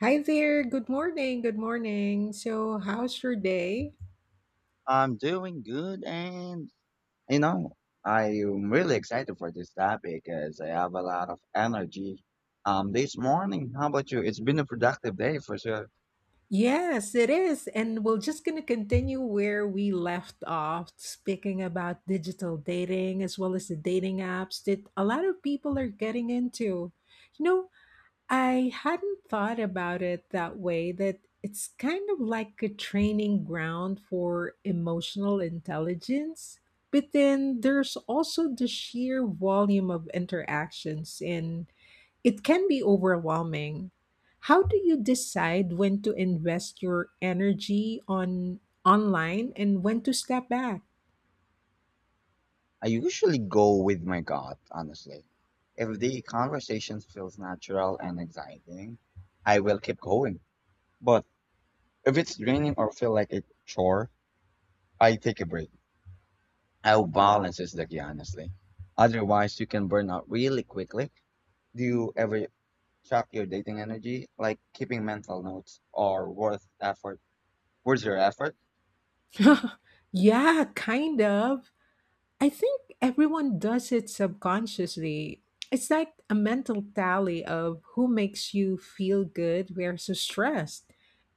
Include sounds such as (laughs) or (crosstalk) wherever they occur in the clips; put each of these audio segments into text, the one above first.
Hi there. Good morning. Good morning. So, how's your day? I'm doing good and you know, I'm really excited for this topic as I have a lot of energy. This morning, how about you? It's been a productive day for sure. Yes, it is. And we're just going to continue where we left off, speaking about digital dating as well as the dating apps that a lot of people are getting into. You know, I hadn't thought about it that way, that it's kind of like a training ground for emotional intelligence. But then there's also the sheer volume of interactions, and it can be overwhelming. How do you decide when to invest your energy on online and when to step back? I usually go with my gut, honestly. If the conversation feels natural and exciting, I will keep going. But if it's draining or feel like a chore, I take a break. I Balance is the key, honestly. Otherwise, you can burn out really quickly. Do you ever track your dating energy, like keeping mental notes or worth effort. Worth your effort? (laughs) Yeah, kind of. I think everyone does it subconsciously. It's like a mental tally of who makes you feel good versus stressed.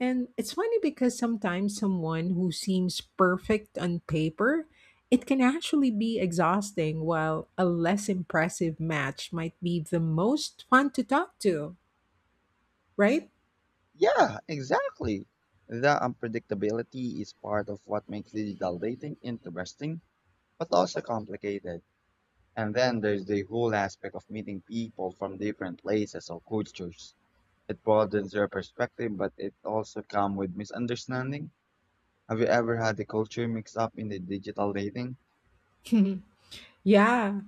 And it's funny because sometimes someone who seems perfect on paper, it can actually be exhausting, while a less impressive match might be the most fun to talk to, right? Yeah, exactly. The unpredictability is part of what makes digital dating interesting, but also complicated. And then there's the whole aspect of meeting people from different places or cultures. It broadens your perspective, but it also comes with misunderstanding. Have you ever had the culture mixed up in the digital dating? (laughs) Yeah,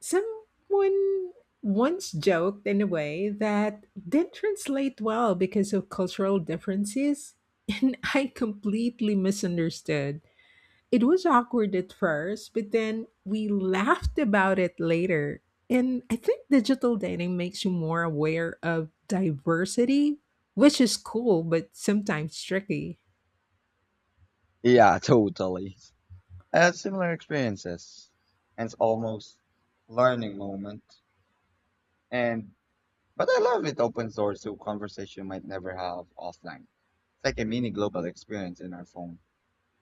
someone once joked in a way that didn't translate well because of cultural differences, (laughs) and I completely misunderstood. It was awkward at first, but then we laughed about it later. And I think digital dating makes you more aware of diversity, which is cool, but sometimes tricky. Yeah, (laughs) totally. I had similar experiences and it's almost learning moment. And But I love it opens doors to conversation you might never have offline. It's like a mini global experience in our phone.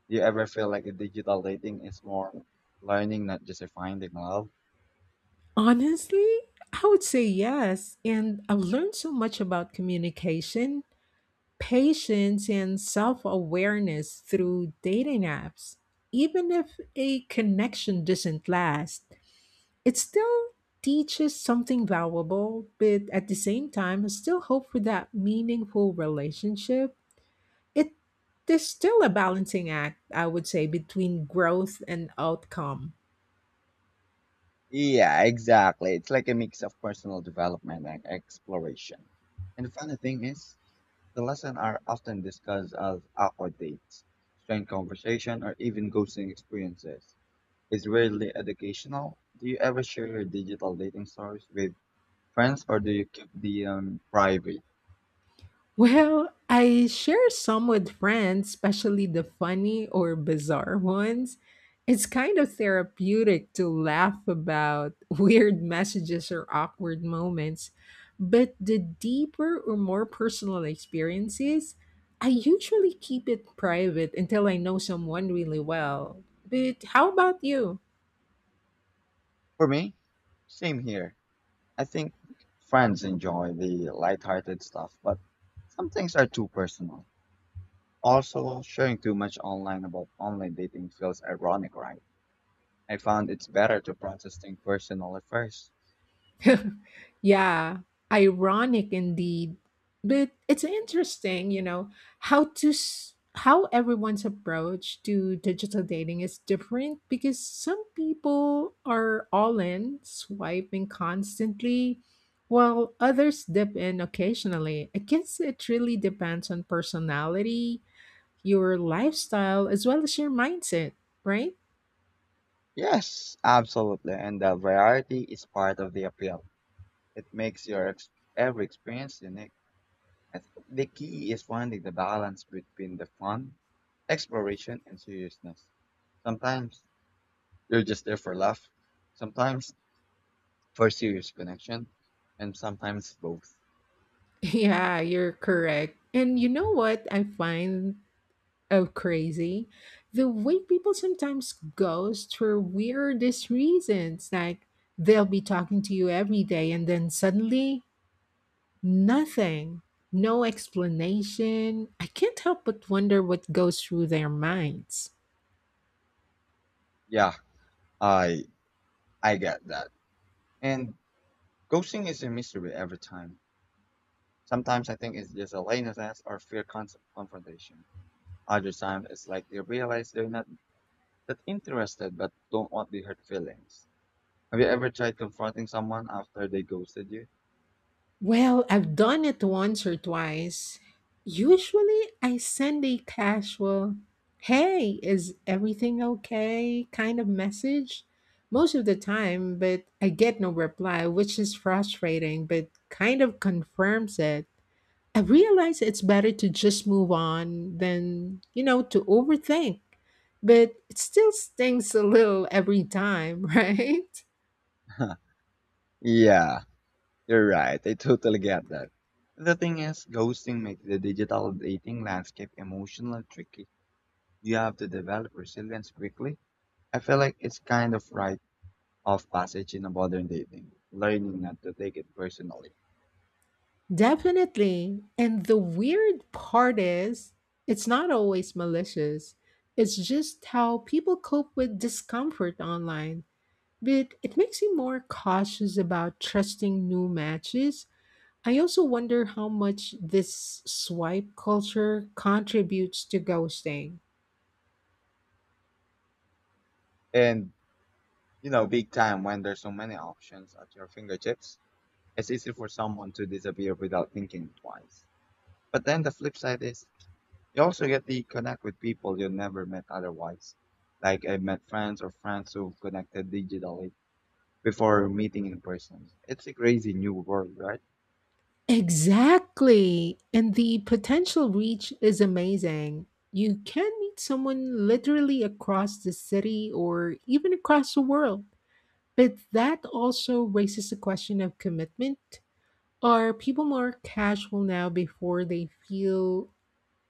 Do you ever feel like a digital dating is more learning, not just a finding love? Honestly, I would say yes. And I've learned so much about communication, patience, and self awareness through dating apps. Even if a connection doesn't last, it still teaches something valuable, but at the same time, I still hope for that meaningful relationship. It is still a balancing act, I would say, between growth and outcome. Yeah, exactly. It's like a mix of personal development and exploration. And the funny thing is, the lessons are often discussed as awkward dates, strange conversation, or even ghosting experiences is really educational. Do you ever share your digital dating stories with friends or do you keep the private? Well, I share some with friends, especially the funny or bizarre ones. It's kind of therapeutic to laugh about (laughs) weird messages or awkward moments. But the deeper or more personal experiences, I usually keep it private until I know someone really well. But how about you? For me, same here. I think friends enjoy the lighthearted stuff, but some things are too personal. Also, sharing too much online about online dating feels ironic, right? I found it's better to process things personally first. (laughs) Yeah, ironic indeed. But it's interesting, you know, how to s- how everyone's approach to digital dating is different because some people are all in, swiping constantly, while others dip in occasionally. I guess it really depends on personality, your lifestyle, as well as your mindset, right? (laughs) Yes, absolutely. And the variety is part of the appeal. It makes your ex- Every experience unique. I think the key is finding the balance between the fun, exploration, and seriousness. Sometimes you're just there for laugh, sometimes for serious connection, and sometimes both. Yeah, you're correct. And you know what I find. Oh, crazy. The way people sometimes ghost for weirdest reasons. Like they'll be talking to you every day and then suddenly nothing. No explanation. I can't help but wonder what goes through their minds. Yeah, I I get that. And ghosting is a mystery every time. Sometimes I think it's just a laziness or confrontation. Other times it's like they realize they're not that interested but don't want the hurt feelings. Have you ever tried confronting someone after they ghosted you? Well, I've done it once or twice. Usually, I send a casual, hey, is everything okay kind of message most of the time, but I get no reply, which is frustrating, but kind of confirms it. I realize it's better to just move on than, you know, to overthink, but it still stings a little every time, (laughs) right? (laughs) Yeah, you're right. I totally get that. The thing is, ghosting makes the digital dating landscape emotionally tricky. You have to develop resilience quickly. I feel like it's kind of rite of passage in modern dating, learning not to take it personally. Definitely. And the weird part is, it's not always malicious. It's just how people cope with discomfort online. But it makes you more cautious about trusting new matches. I also wonder how much this swipe culture contributes to ghosting. And, you know, big time when there's so many options at your fingertips, it's easy for someone to disappear without thinking twice. But then the flip side is, you also get to connect with people you never met otherwise. Like I met friends or friends who connected digitally before meeting in person. It's a crazy new world, right? Exactly. And the potential reach is amazing. You can meet someone literally across the city or even across the world. But that also raises the question of commitment. Are people more casual now before they feel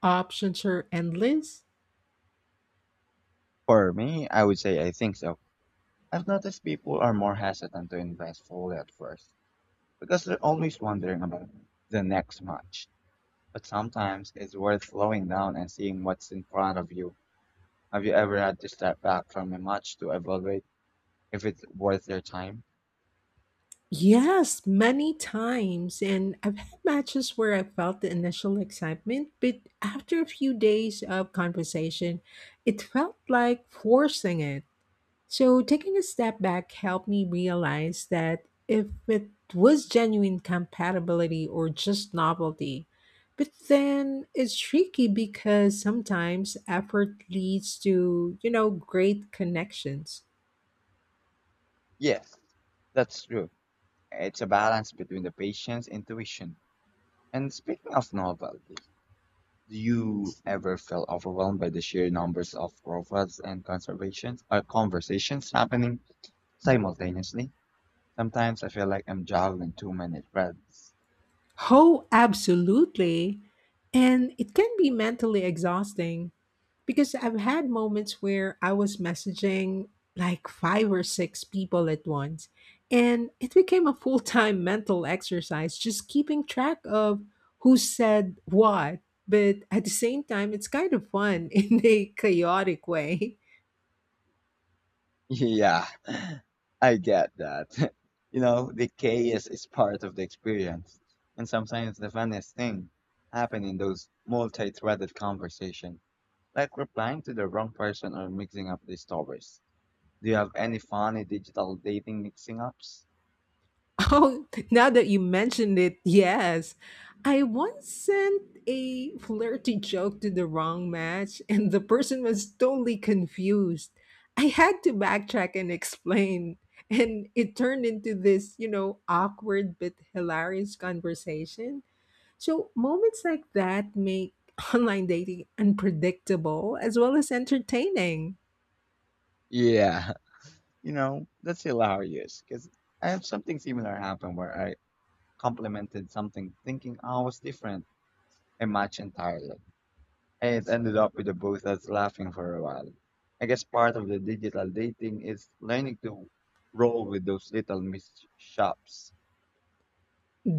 options are endless? For me, I would say I think so. I've noticed people are more hesitant to invest fully at first because they're always wondering about the next match. But sometimes it's worth slowing down and seeing what's in front of you. Have you ever had to step back from a match to evaluate if it's worth their time? Yes, many times. And I've had matches where I felt the initial excitement, but after a few days of conversation, it felt like forcing it. So, taking a step back helped me realize that if it was genuine compatibility or just novelty, but then it's tricky because sometimes effort leads to, you know, great connections. Yes, that's true. It's a balance between the patient's intuition. And speaking of novelty, do you ever feel overwhelmed by the sheer numbers of profiles and conservations or conversations happening simultaneously? Sometimes I feel like I'm juggling too many threads. Oh, absolutely. And it can be mentally exhausting. Because I've had moments where I was messaging like five or six people at once, and it became a full time (laughs) mental exercise just keeping track of who said what. But at the same time, it's kind of fun (laughs) in a chaotic way. (laughs) Yeah, I get that. (laughs) You know, the chaos is part of the experience. And sometimes the funniest thing happen in those multi-threaded conversations, like replying to the wrong person or mixing up the stories. Do you have any funny digital dating mixing ups? Oh, (laughs) now that you mentioned it, yes. I once sent a flirty joke to the wrong match, and the person was totally confused. I had to backtrack and explain, and it turned into this, you know, awkward but hilarious conversation. So, moments like that make (laughs) online dating unpredictable as well as entertaining. Yeah. (laughs) You know, that's hilarious because I have something similar happen where I complimented something thinking I was different and match entirely. And it ended up with the both of us laughing for a while. I guess part of the digital dating is learning to roll with those little mishaps.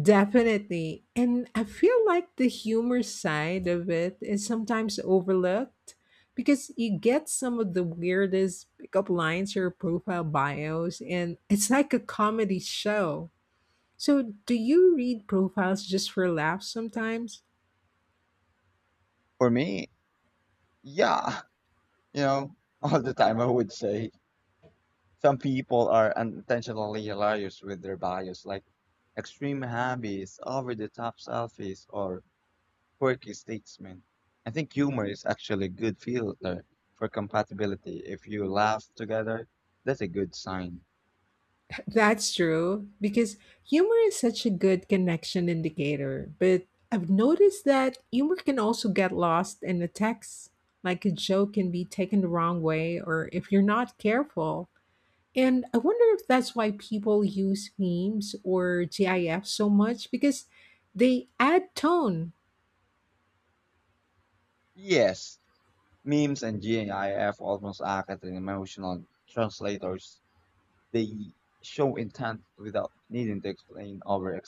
Definitely. And I feel like the humor side of it is sometimes overlooked because you get some of the weirdest pickup lines or profile bios, and it's like a comedy show. So, do you read profiles just for laughs sometimes? For me, yeah, (laughs) you know, all the time I would say some people are unintentionally hilarious with their bias, like extreme hobbies, over the top selfies, or quirky statements. I think humor is actually a good filter for compatibility. If you laugh together, that's a good sign. That's true, because humor is such a good connection indicator. But I've noticed that humor can also get lost in the text. Like a joke can be taken the wrong way, or if you're not careful. And I wonder if that's why people use memes or GIFs so much, because they add tone. Yes, memes and GIF almost act as an emotional translators. They show intent without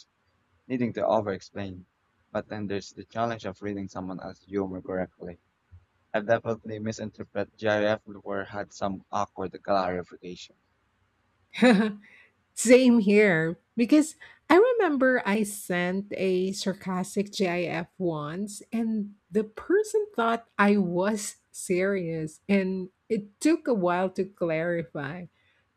needing to over explain. But then there's the challenge of reading someone else's humor correctly. I've definitely misinterpreted GIF or had some awkward clarification. (laughs) Same here, because I remember I sent a sarcastic GIF once, and the person thought I was serious, and it took a while to clarify.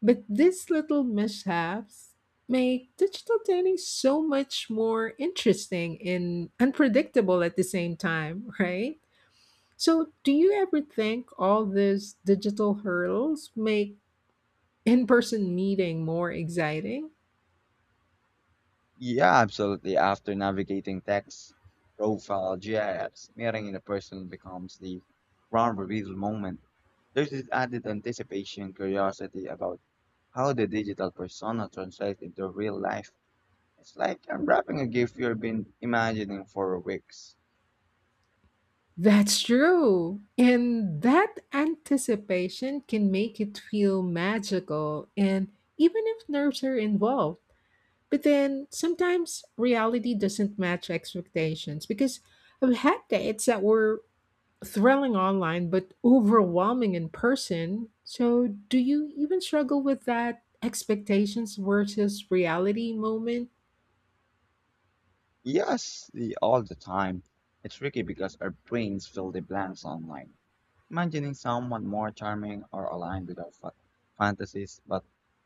But these little mishaps make digital dating so much more interesting and unpredictable at the same time, right? So, do you ever think all these digital hurdles make in person meeting more exciting? Yeah, absolutely. After navigating text, profile, GIFs, meeting in a person becomes the grand reveal moment. There's this added anticipation, curiosity about how the digital persona translates into real life. It's like unwrapping a gift you've been imagining for weeks. That's true. And that anticipation can make it feel magical, and even if nerves are involved. But then sometimes reality doesn't match expectations because I've had dates that were thrilling online but overwhelming in person. So, do you even struggle with that expectations versus reality moment? (laughs) Yes, all the time. It's tricky because our brains fill the blanks online imagining someone more charming or aligned with our fantasies, but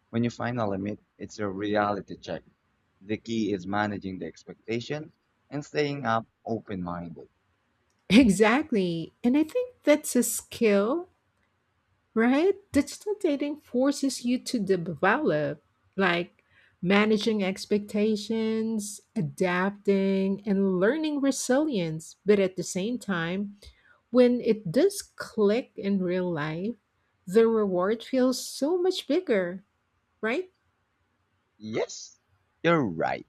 when you finally meet, it's a reality check. The key is managing the expectation and staying up open minded. Exactly. And I think that's a skill, right? Digital dating forces you to develop, like managing expectations, adapting, and learning resilience. But at the same time, when it does click in real life, the reward feels so much bigger, right? Yes, you're right.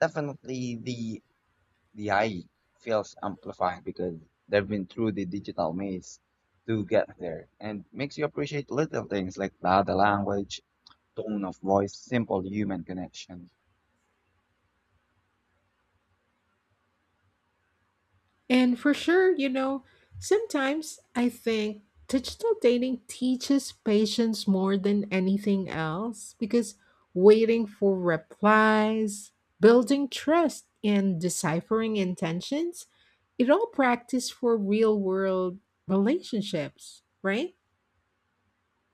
Definitely the eye feels amplified because they've been through the digital maze to get there and makes you appreciate little things like the language, tone of voice, simple human connection. And for sure, you know, sometimes I think digital dating teaches patience more than anything else because waiting for replies, building trust, and deciphering intentions, it all practice for real world relationships, right?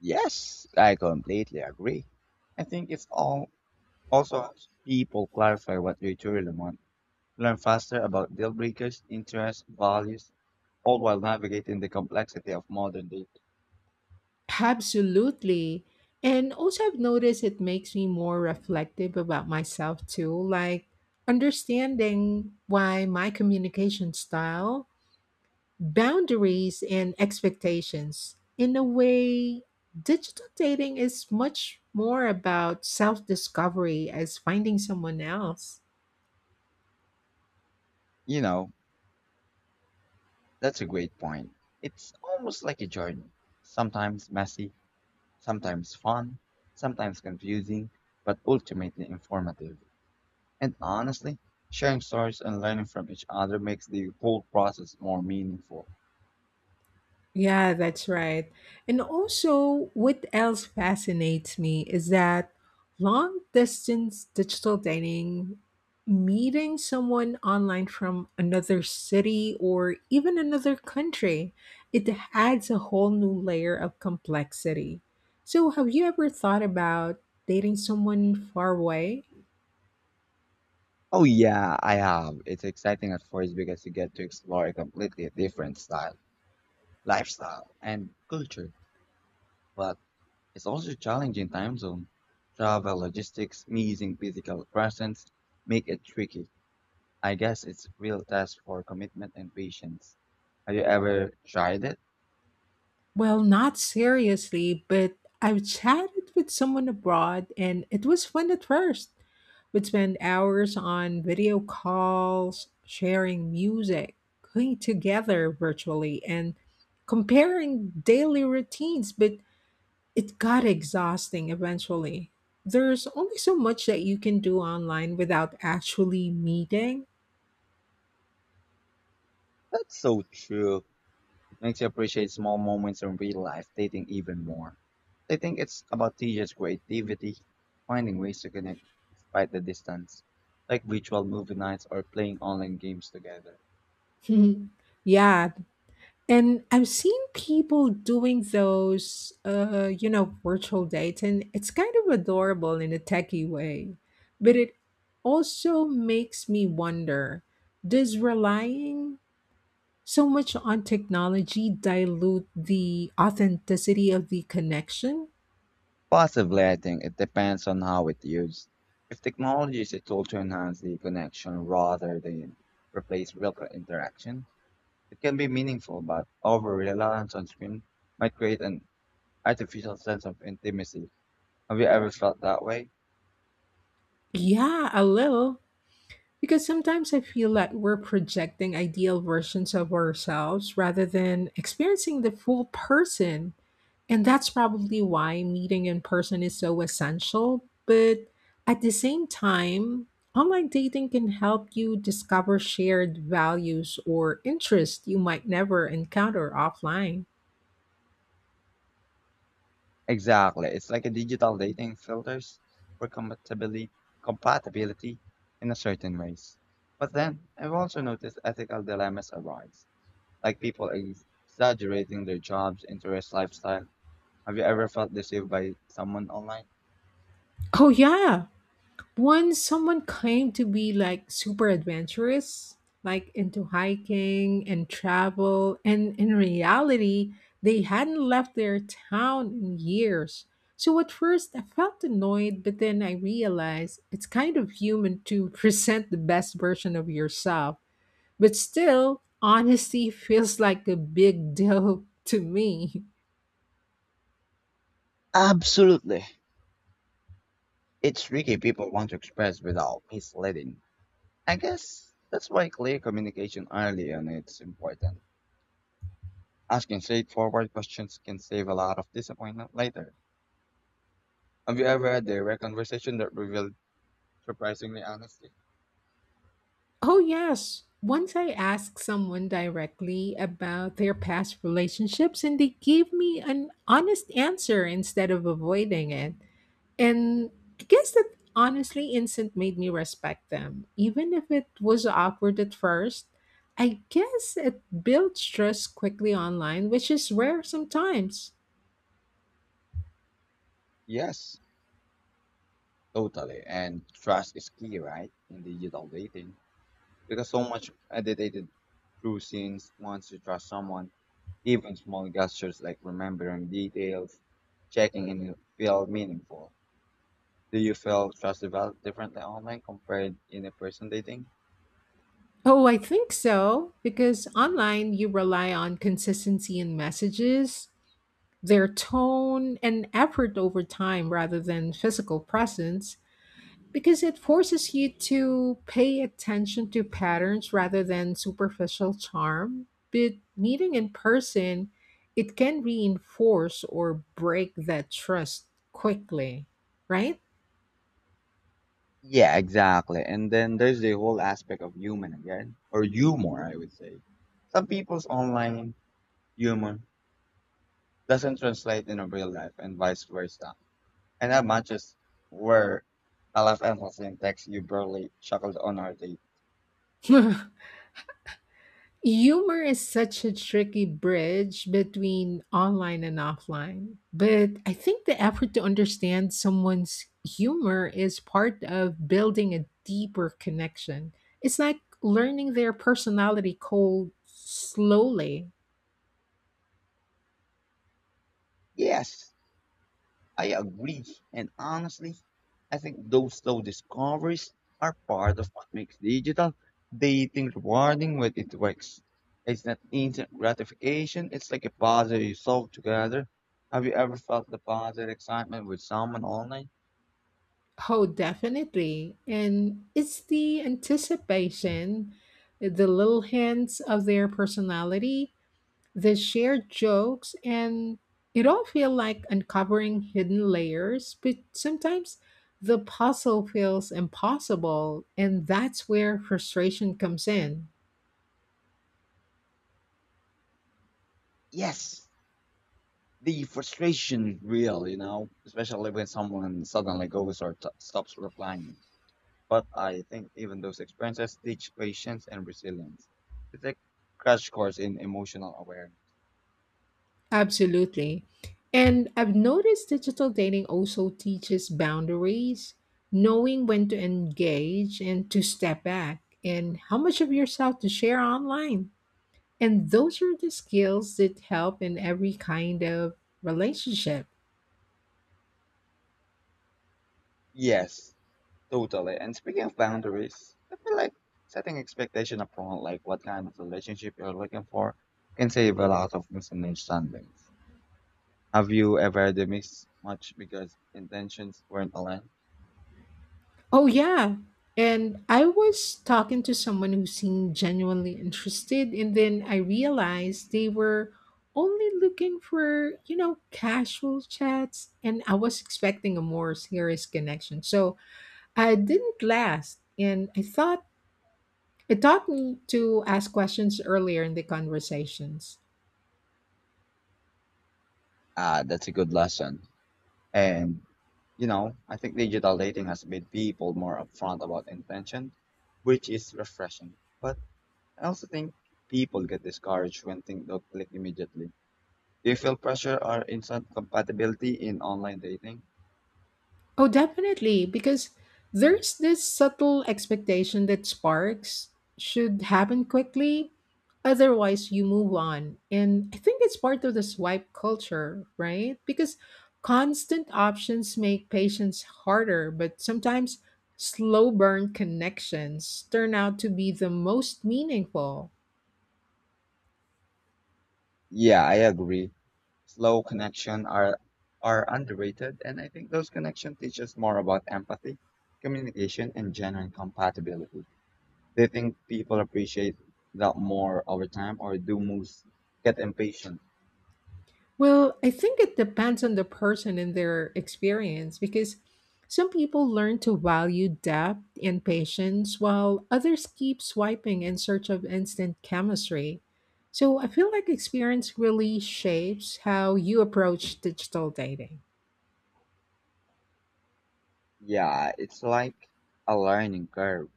Yes, I completely agree. I think it's all also helps people clarify what they truly want, learn faster about deal breakers, interests, values, all while navigating the complexity of modern dating. Absolutely. And also, I've noticed it makes me more reflective about myself too, like understanding why my communication style boundaries and expectations. In a way, digital dating is much more about self discovery as finding someone else. You know, that's a great point. It's almost like a journey. Sometimes messy, sometimes fun, sometimes confusing, but ultimately informative. And honestly, sharing stories and learning from each other makes the whole process more meaningful. Yeah, that's right. And also, what else fascinates me is that long distance digital dating, meeting someone online from another city or even another country, it adds a whole new layer of complexity. So, have you ever thought about dating someone far away? Oh yeah, I have. It's exciting at first because you get to explore a completely different style, lifestyle, and culture. But it's also challenging time zone. Travel logistics, missing physical presence, make it tricky. I guess it's real test for commitment and patience. Have you ever tried it? Well, not seriously, but I've chatted with someone abroad and it was fun at first. We'd spend hours on video calls, sharing music, cooking together virtually, and comparing daily routines, but it got exhausting eventually. There's only so much that you can do online without actually meeting. That's so true. Makes you appreciate small moments in real life dating even more. I think it's about teenagers' creativity, finding ways to connect despite the distance, like virtual movie nights or playing online games together. (laughs) Yeah, and I've seen people doing those, you know, virtual dates, and it's kind of adorable in a techie way. But it also makes me wonder, does relying so much on technology dilute the authenticity of the connection? Possibly, I think it depends on how it's used. If technology is a tool to enhance the connection rather than replace real interaction, it can be meaningful, but over reliance on screen might create an artificial sense of intimacy. Have you ever felt that way? Yeah, a little. Because sometimes I feel that we're projecting ideal versions of ourselves rather than experiencing the full person. And that's probably why meeting in person is so essential. But at the same time, online dating can help you discover shared values or interests you might never encounter offline. Exactly. It's like a digital dating filters for compatibility compatibility in a certain ways. But then I've also noticed ethical dilemmas arise, like people exaggerating their jobs, interests, lifestyle. Have you ever felt deceived by someone online? Oh, yeah. Once someone claimed to be like super adventurous, like into hiking and travel, and in reality, they hadn't left their town in years. So at first, I felt annoyed, but then I realized it's kind of human to (laughs) present the best version of yourself. But still, honesty (laughs) feels like a big deal (laughs) to me. Absolutely. It's tricky people want to express without misleading. I guess that's why clear communication early on it's important. Asking straightforward questions can save a lot of disappointment later. Have you ever had a direct conversation that revealed surprisingly honesty? Oh, yes. Once I asked someone directly about their past relationships, and they gave me an honest answer instead of avoiding it. And I guess that honestly instant made me respect them. Even if it was awkward at first, I guess it builds trust quickly online, which is rare sometimes. Yes, totally. And trust is key, right? In digital dating. Because so much edited through scenes once you trust someone, even small gestures like remembering details, checking in feel meaningful. Do you feel trust developed differently online compared in a person dating? Oh, I think so, because online you rely on consistency in messages, their tone and effort over time rather than physical presence because it forces you to pay attention to patterns rather than superficial charm. But meeting in person, it can reinforce or break that trust quickly, right? Yeah, exactly. And then there's the whole aspect of human again, or humor, I would say. Some people's online humor doesn't translate into real life and vice versa. And that matches where I left emphasis in text you barely chuckled on our date. (laughs) Humor is such a tricky bridge between online and offline, but I think the effort to understand someone's humor is part of building a deeper connection. It's like learning their personality cold slowly. Yes, I agree. And honestly, I think those slow discoveries are part of what makes digital dating rewarding when it works. It's not instant gratification, it's like a puzzle you solve together. Have you ever felt the positive excitement with someone online? Oh, definitely. And it's the anticipation, the little hints of their personality. They share jokes and it all feels like uncovering hidden layers, but sometimes the puzzle feels impossible, and that's where frustration comes in. Yes, the frustration is real, you know, especially when someone suddenly goes or stops replying. But I think even those experiences teach patience and resilience. It's a crash course in emotional awareness. Absolutely. And I've noticed digital dating also teaches boundaries, knowing when to engage and to step back, and how much of yourself to share online. And those are the skills that help in every kind of relationship. Yes, totally. And speaking of boundaries, I feel like setting expectation upon like what kind of relationship you're looking for can save a lot of misunderstandings. Have you ever had a miss much because intentions weren't aligned? Oh, yeah. And I was talking to someone who seemed genuinely interested, and then I realized they were only looking for, you know, casual chats, and I was expecting a more serious connection. So I didn't last, and I thought it taught me to ask questions earlier in the conversations. Ah, that's a good lesson. And, you know, I think digital dating has made people more upfront about intention, which is refreshing. But I also think people get discouraged when things don't click immediately. Do you feel pressure or instant compatibility in online dating? Oh, definitely, because there's this subtle expectation that sparks should happen quickly, otherwise, you move on. And I think it's part of the swipe culture, right? Because constant options make patience harder, but sometimes slow burn connections turn out to be the most meaningful. Yeah, I agree. Slow connection are underrated, and I think those connections teach us more about empathy, communication, and genuine compatibility. Do you think people appreciate that more over time, or do moves get impatient? Well, I think it depends on the person and their experience because some people learn to value depth and patience while others keep swiping in search of instant chemistry. So I feel like experience really shapes how you approach digital dating. Yeah, it's like a learning curve.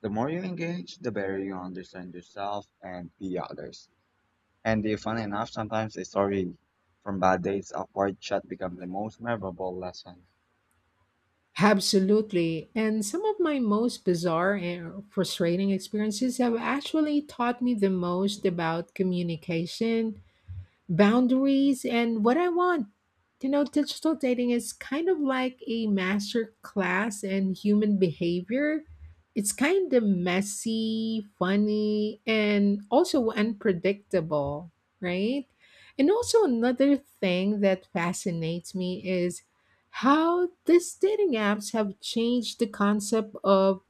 The more you engage, the better you understand yourself and the others. And if funny enough, sometimes a story from bad days upward chat becomes the most memorable lesson. Absolutely. And some of my most bizarre and frustrating experiences have actually taught me the most about communication boundaries and what I want. You know, digital dating is kind of like a master class in human behavior. It's kind of messy, funny, and also unpredictable, right? And also, another thing that fascinates me is how these dating apps have changed the concept of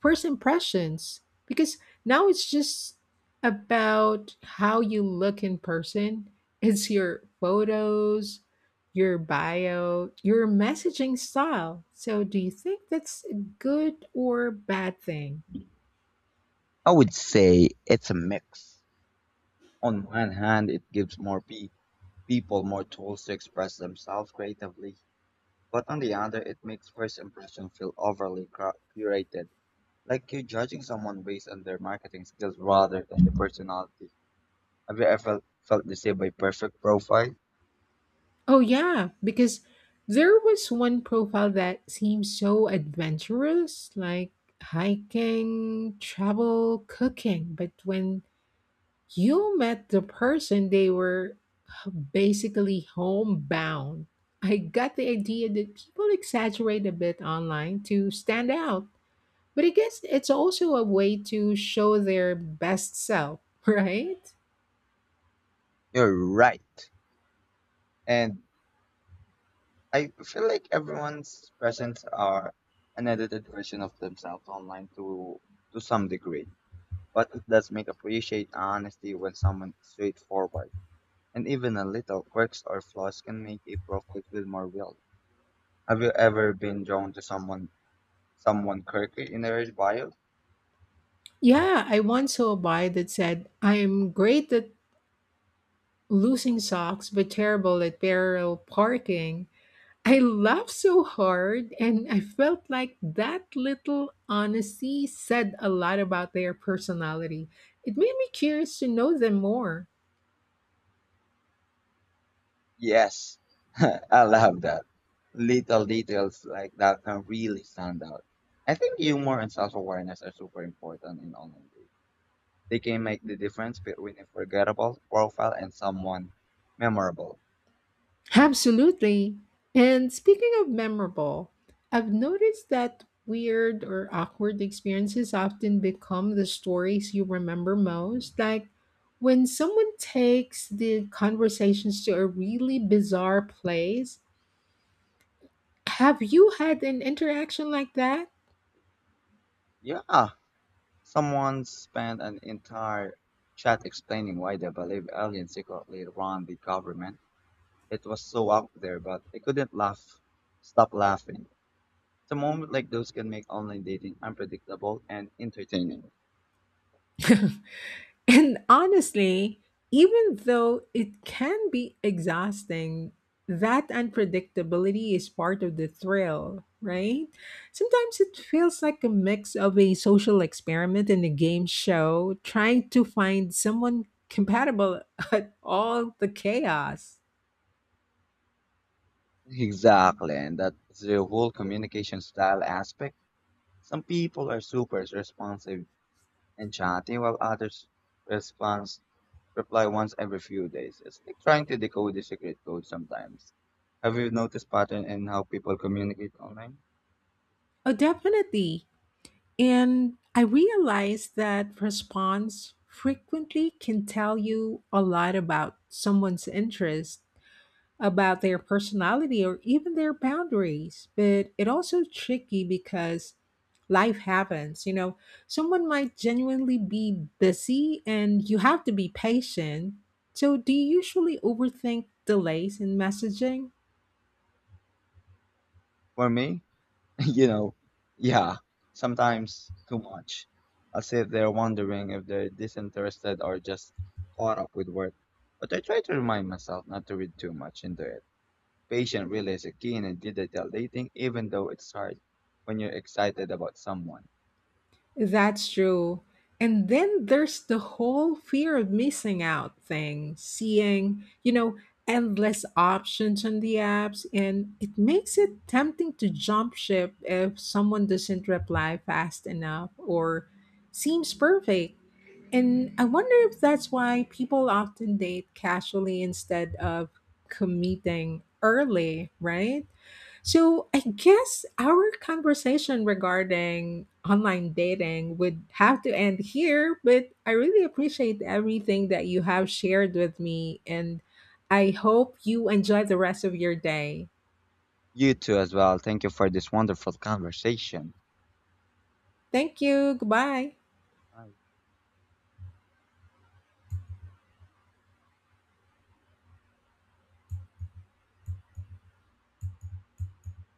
first impressions because now it's just about how you look in person, it's your photos, your bio, your messaging style. So do you think that's a good or bad thing? I would say it's a mix. On one hand, it gives people more tools to express themselves creatively, but on the other, it makes first impression feel overly curated, like you're judging someone based on their marketing skills rather than the personality. Have you ever felt deceived by perfect profile? Oh yeah, because there was one profile that seemed so adventurous, like hiking, travel, cooking, but when you met the person they were basically homebound. I got the idea that people exaggerate a bit online to stand out, but I guess it's also a way to show their best self, (laughs) right? You're right. And I feel like everyone's presents are an edited version of themselves online to some degree. But it does make appreciate honesty when someone is straightforward. And even a little quirks or flaws can make a profile feel more real. Have you ever been drawn to someone quirky in their bio? Yeah, I once saw a buy that said, I'm great at losing socks, but terrible at parallel parking. I laughed so hard, and I felt like that little honesty said a lot about their personality. It made me curious to know them more. Yes, (laughs) I love that. Little details like that can really stand out. I think humor and self-awareness are super important in online dating. They can make the difference between a forgettable profile and someone memorable. Absolutely. And speaking of memorable, I've noticed that weird or awkward experiences often become the stories you remember most. Like when someone takes the conversations to a really bizarre place, have you had an interaction like that? Yeah, someone spent an entire chat explaining why they believe aliens secretly run the government. It was so out there, but I couldn't laugh, stop laughing. The moment like those can make online dating unpredictable and entertaining. And honestly, even though it can be exhausting, that unpredictability is part of the thrill, right? Sometimes it feels like a mix of a social experiment and a game show, trying to find someone compatible (laughs) at all the chaos. Exactly, and that's the whole communication style aspect. Some people are super responsive and chatty, while others response reply once every few days. It's like trying to decode the secret code sometimes. Have you noticed pattern in how people communicate online? Oh, definitely. And I realized that response frequently can tell you a lot about someone's interest, about their personality or even their boundaries. But it also tricky because life happens. You know, someone might genuinely be busy and you have to be patient. So do you usually overthink delays in messaging? For me, (laughs) you know, yeah, sometimes too much. As if they're wondering if they're disinterested or just caught up with work. But I try to remind myself not to read too much into it. Patience really is a key in digital dating, even though it's hard when you're excited about someone. That's true. And then there's the whole fear of missing out thing, seeing, you know, endless options on the apps, and it makes it tempting to jump ship if someone doesn't reply fast enough or seems perfect. And I wonder if that's why people often date casually instead of committing early, right? So I guess our conversation regarding online dating would have to end here, but I really appreciate everything that you have shared with me, and I hope you enjoy the rest of your day. You too, as well. Thank you for this wonderful conversation. Thank you. Goodbye. Bye.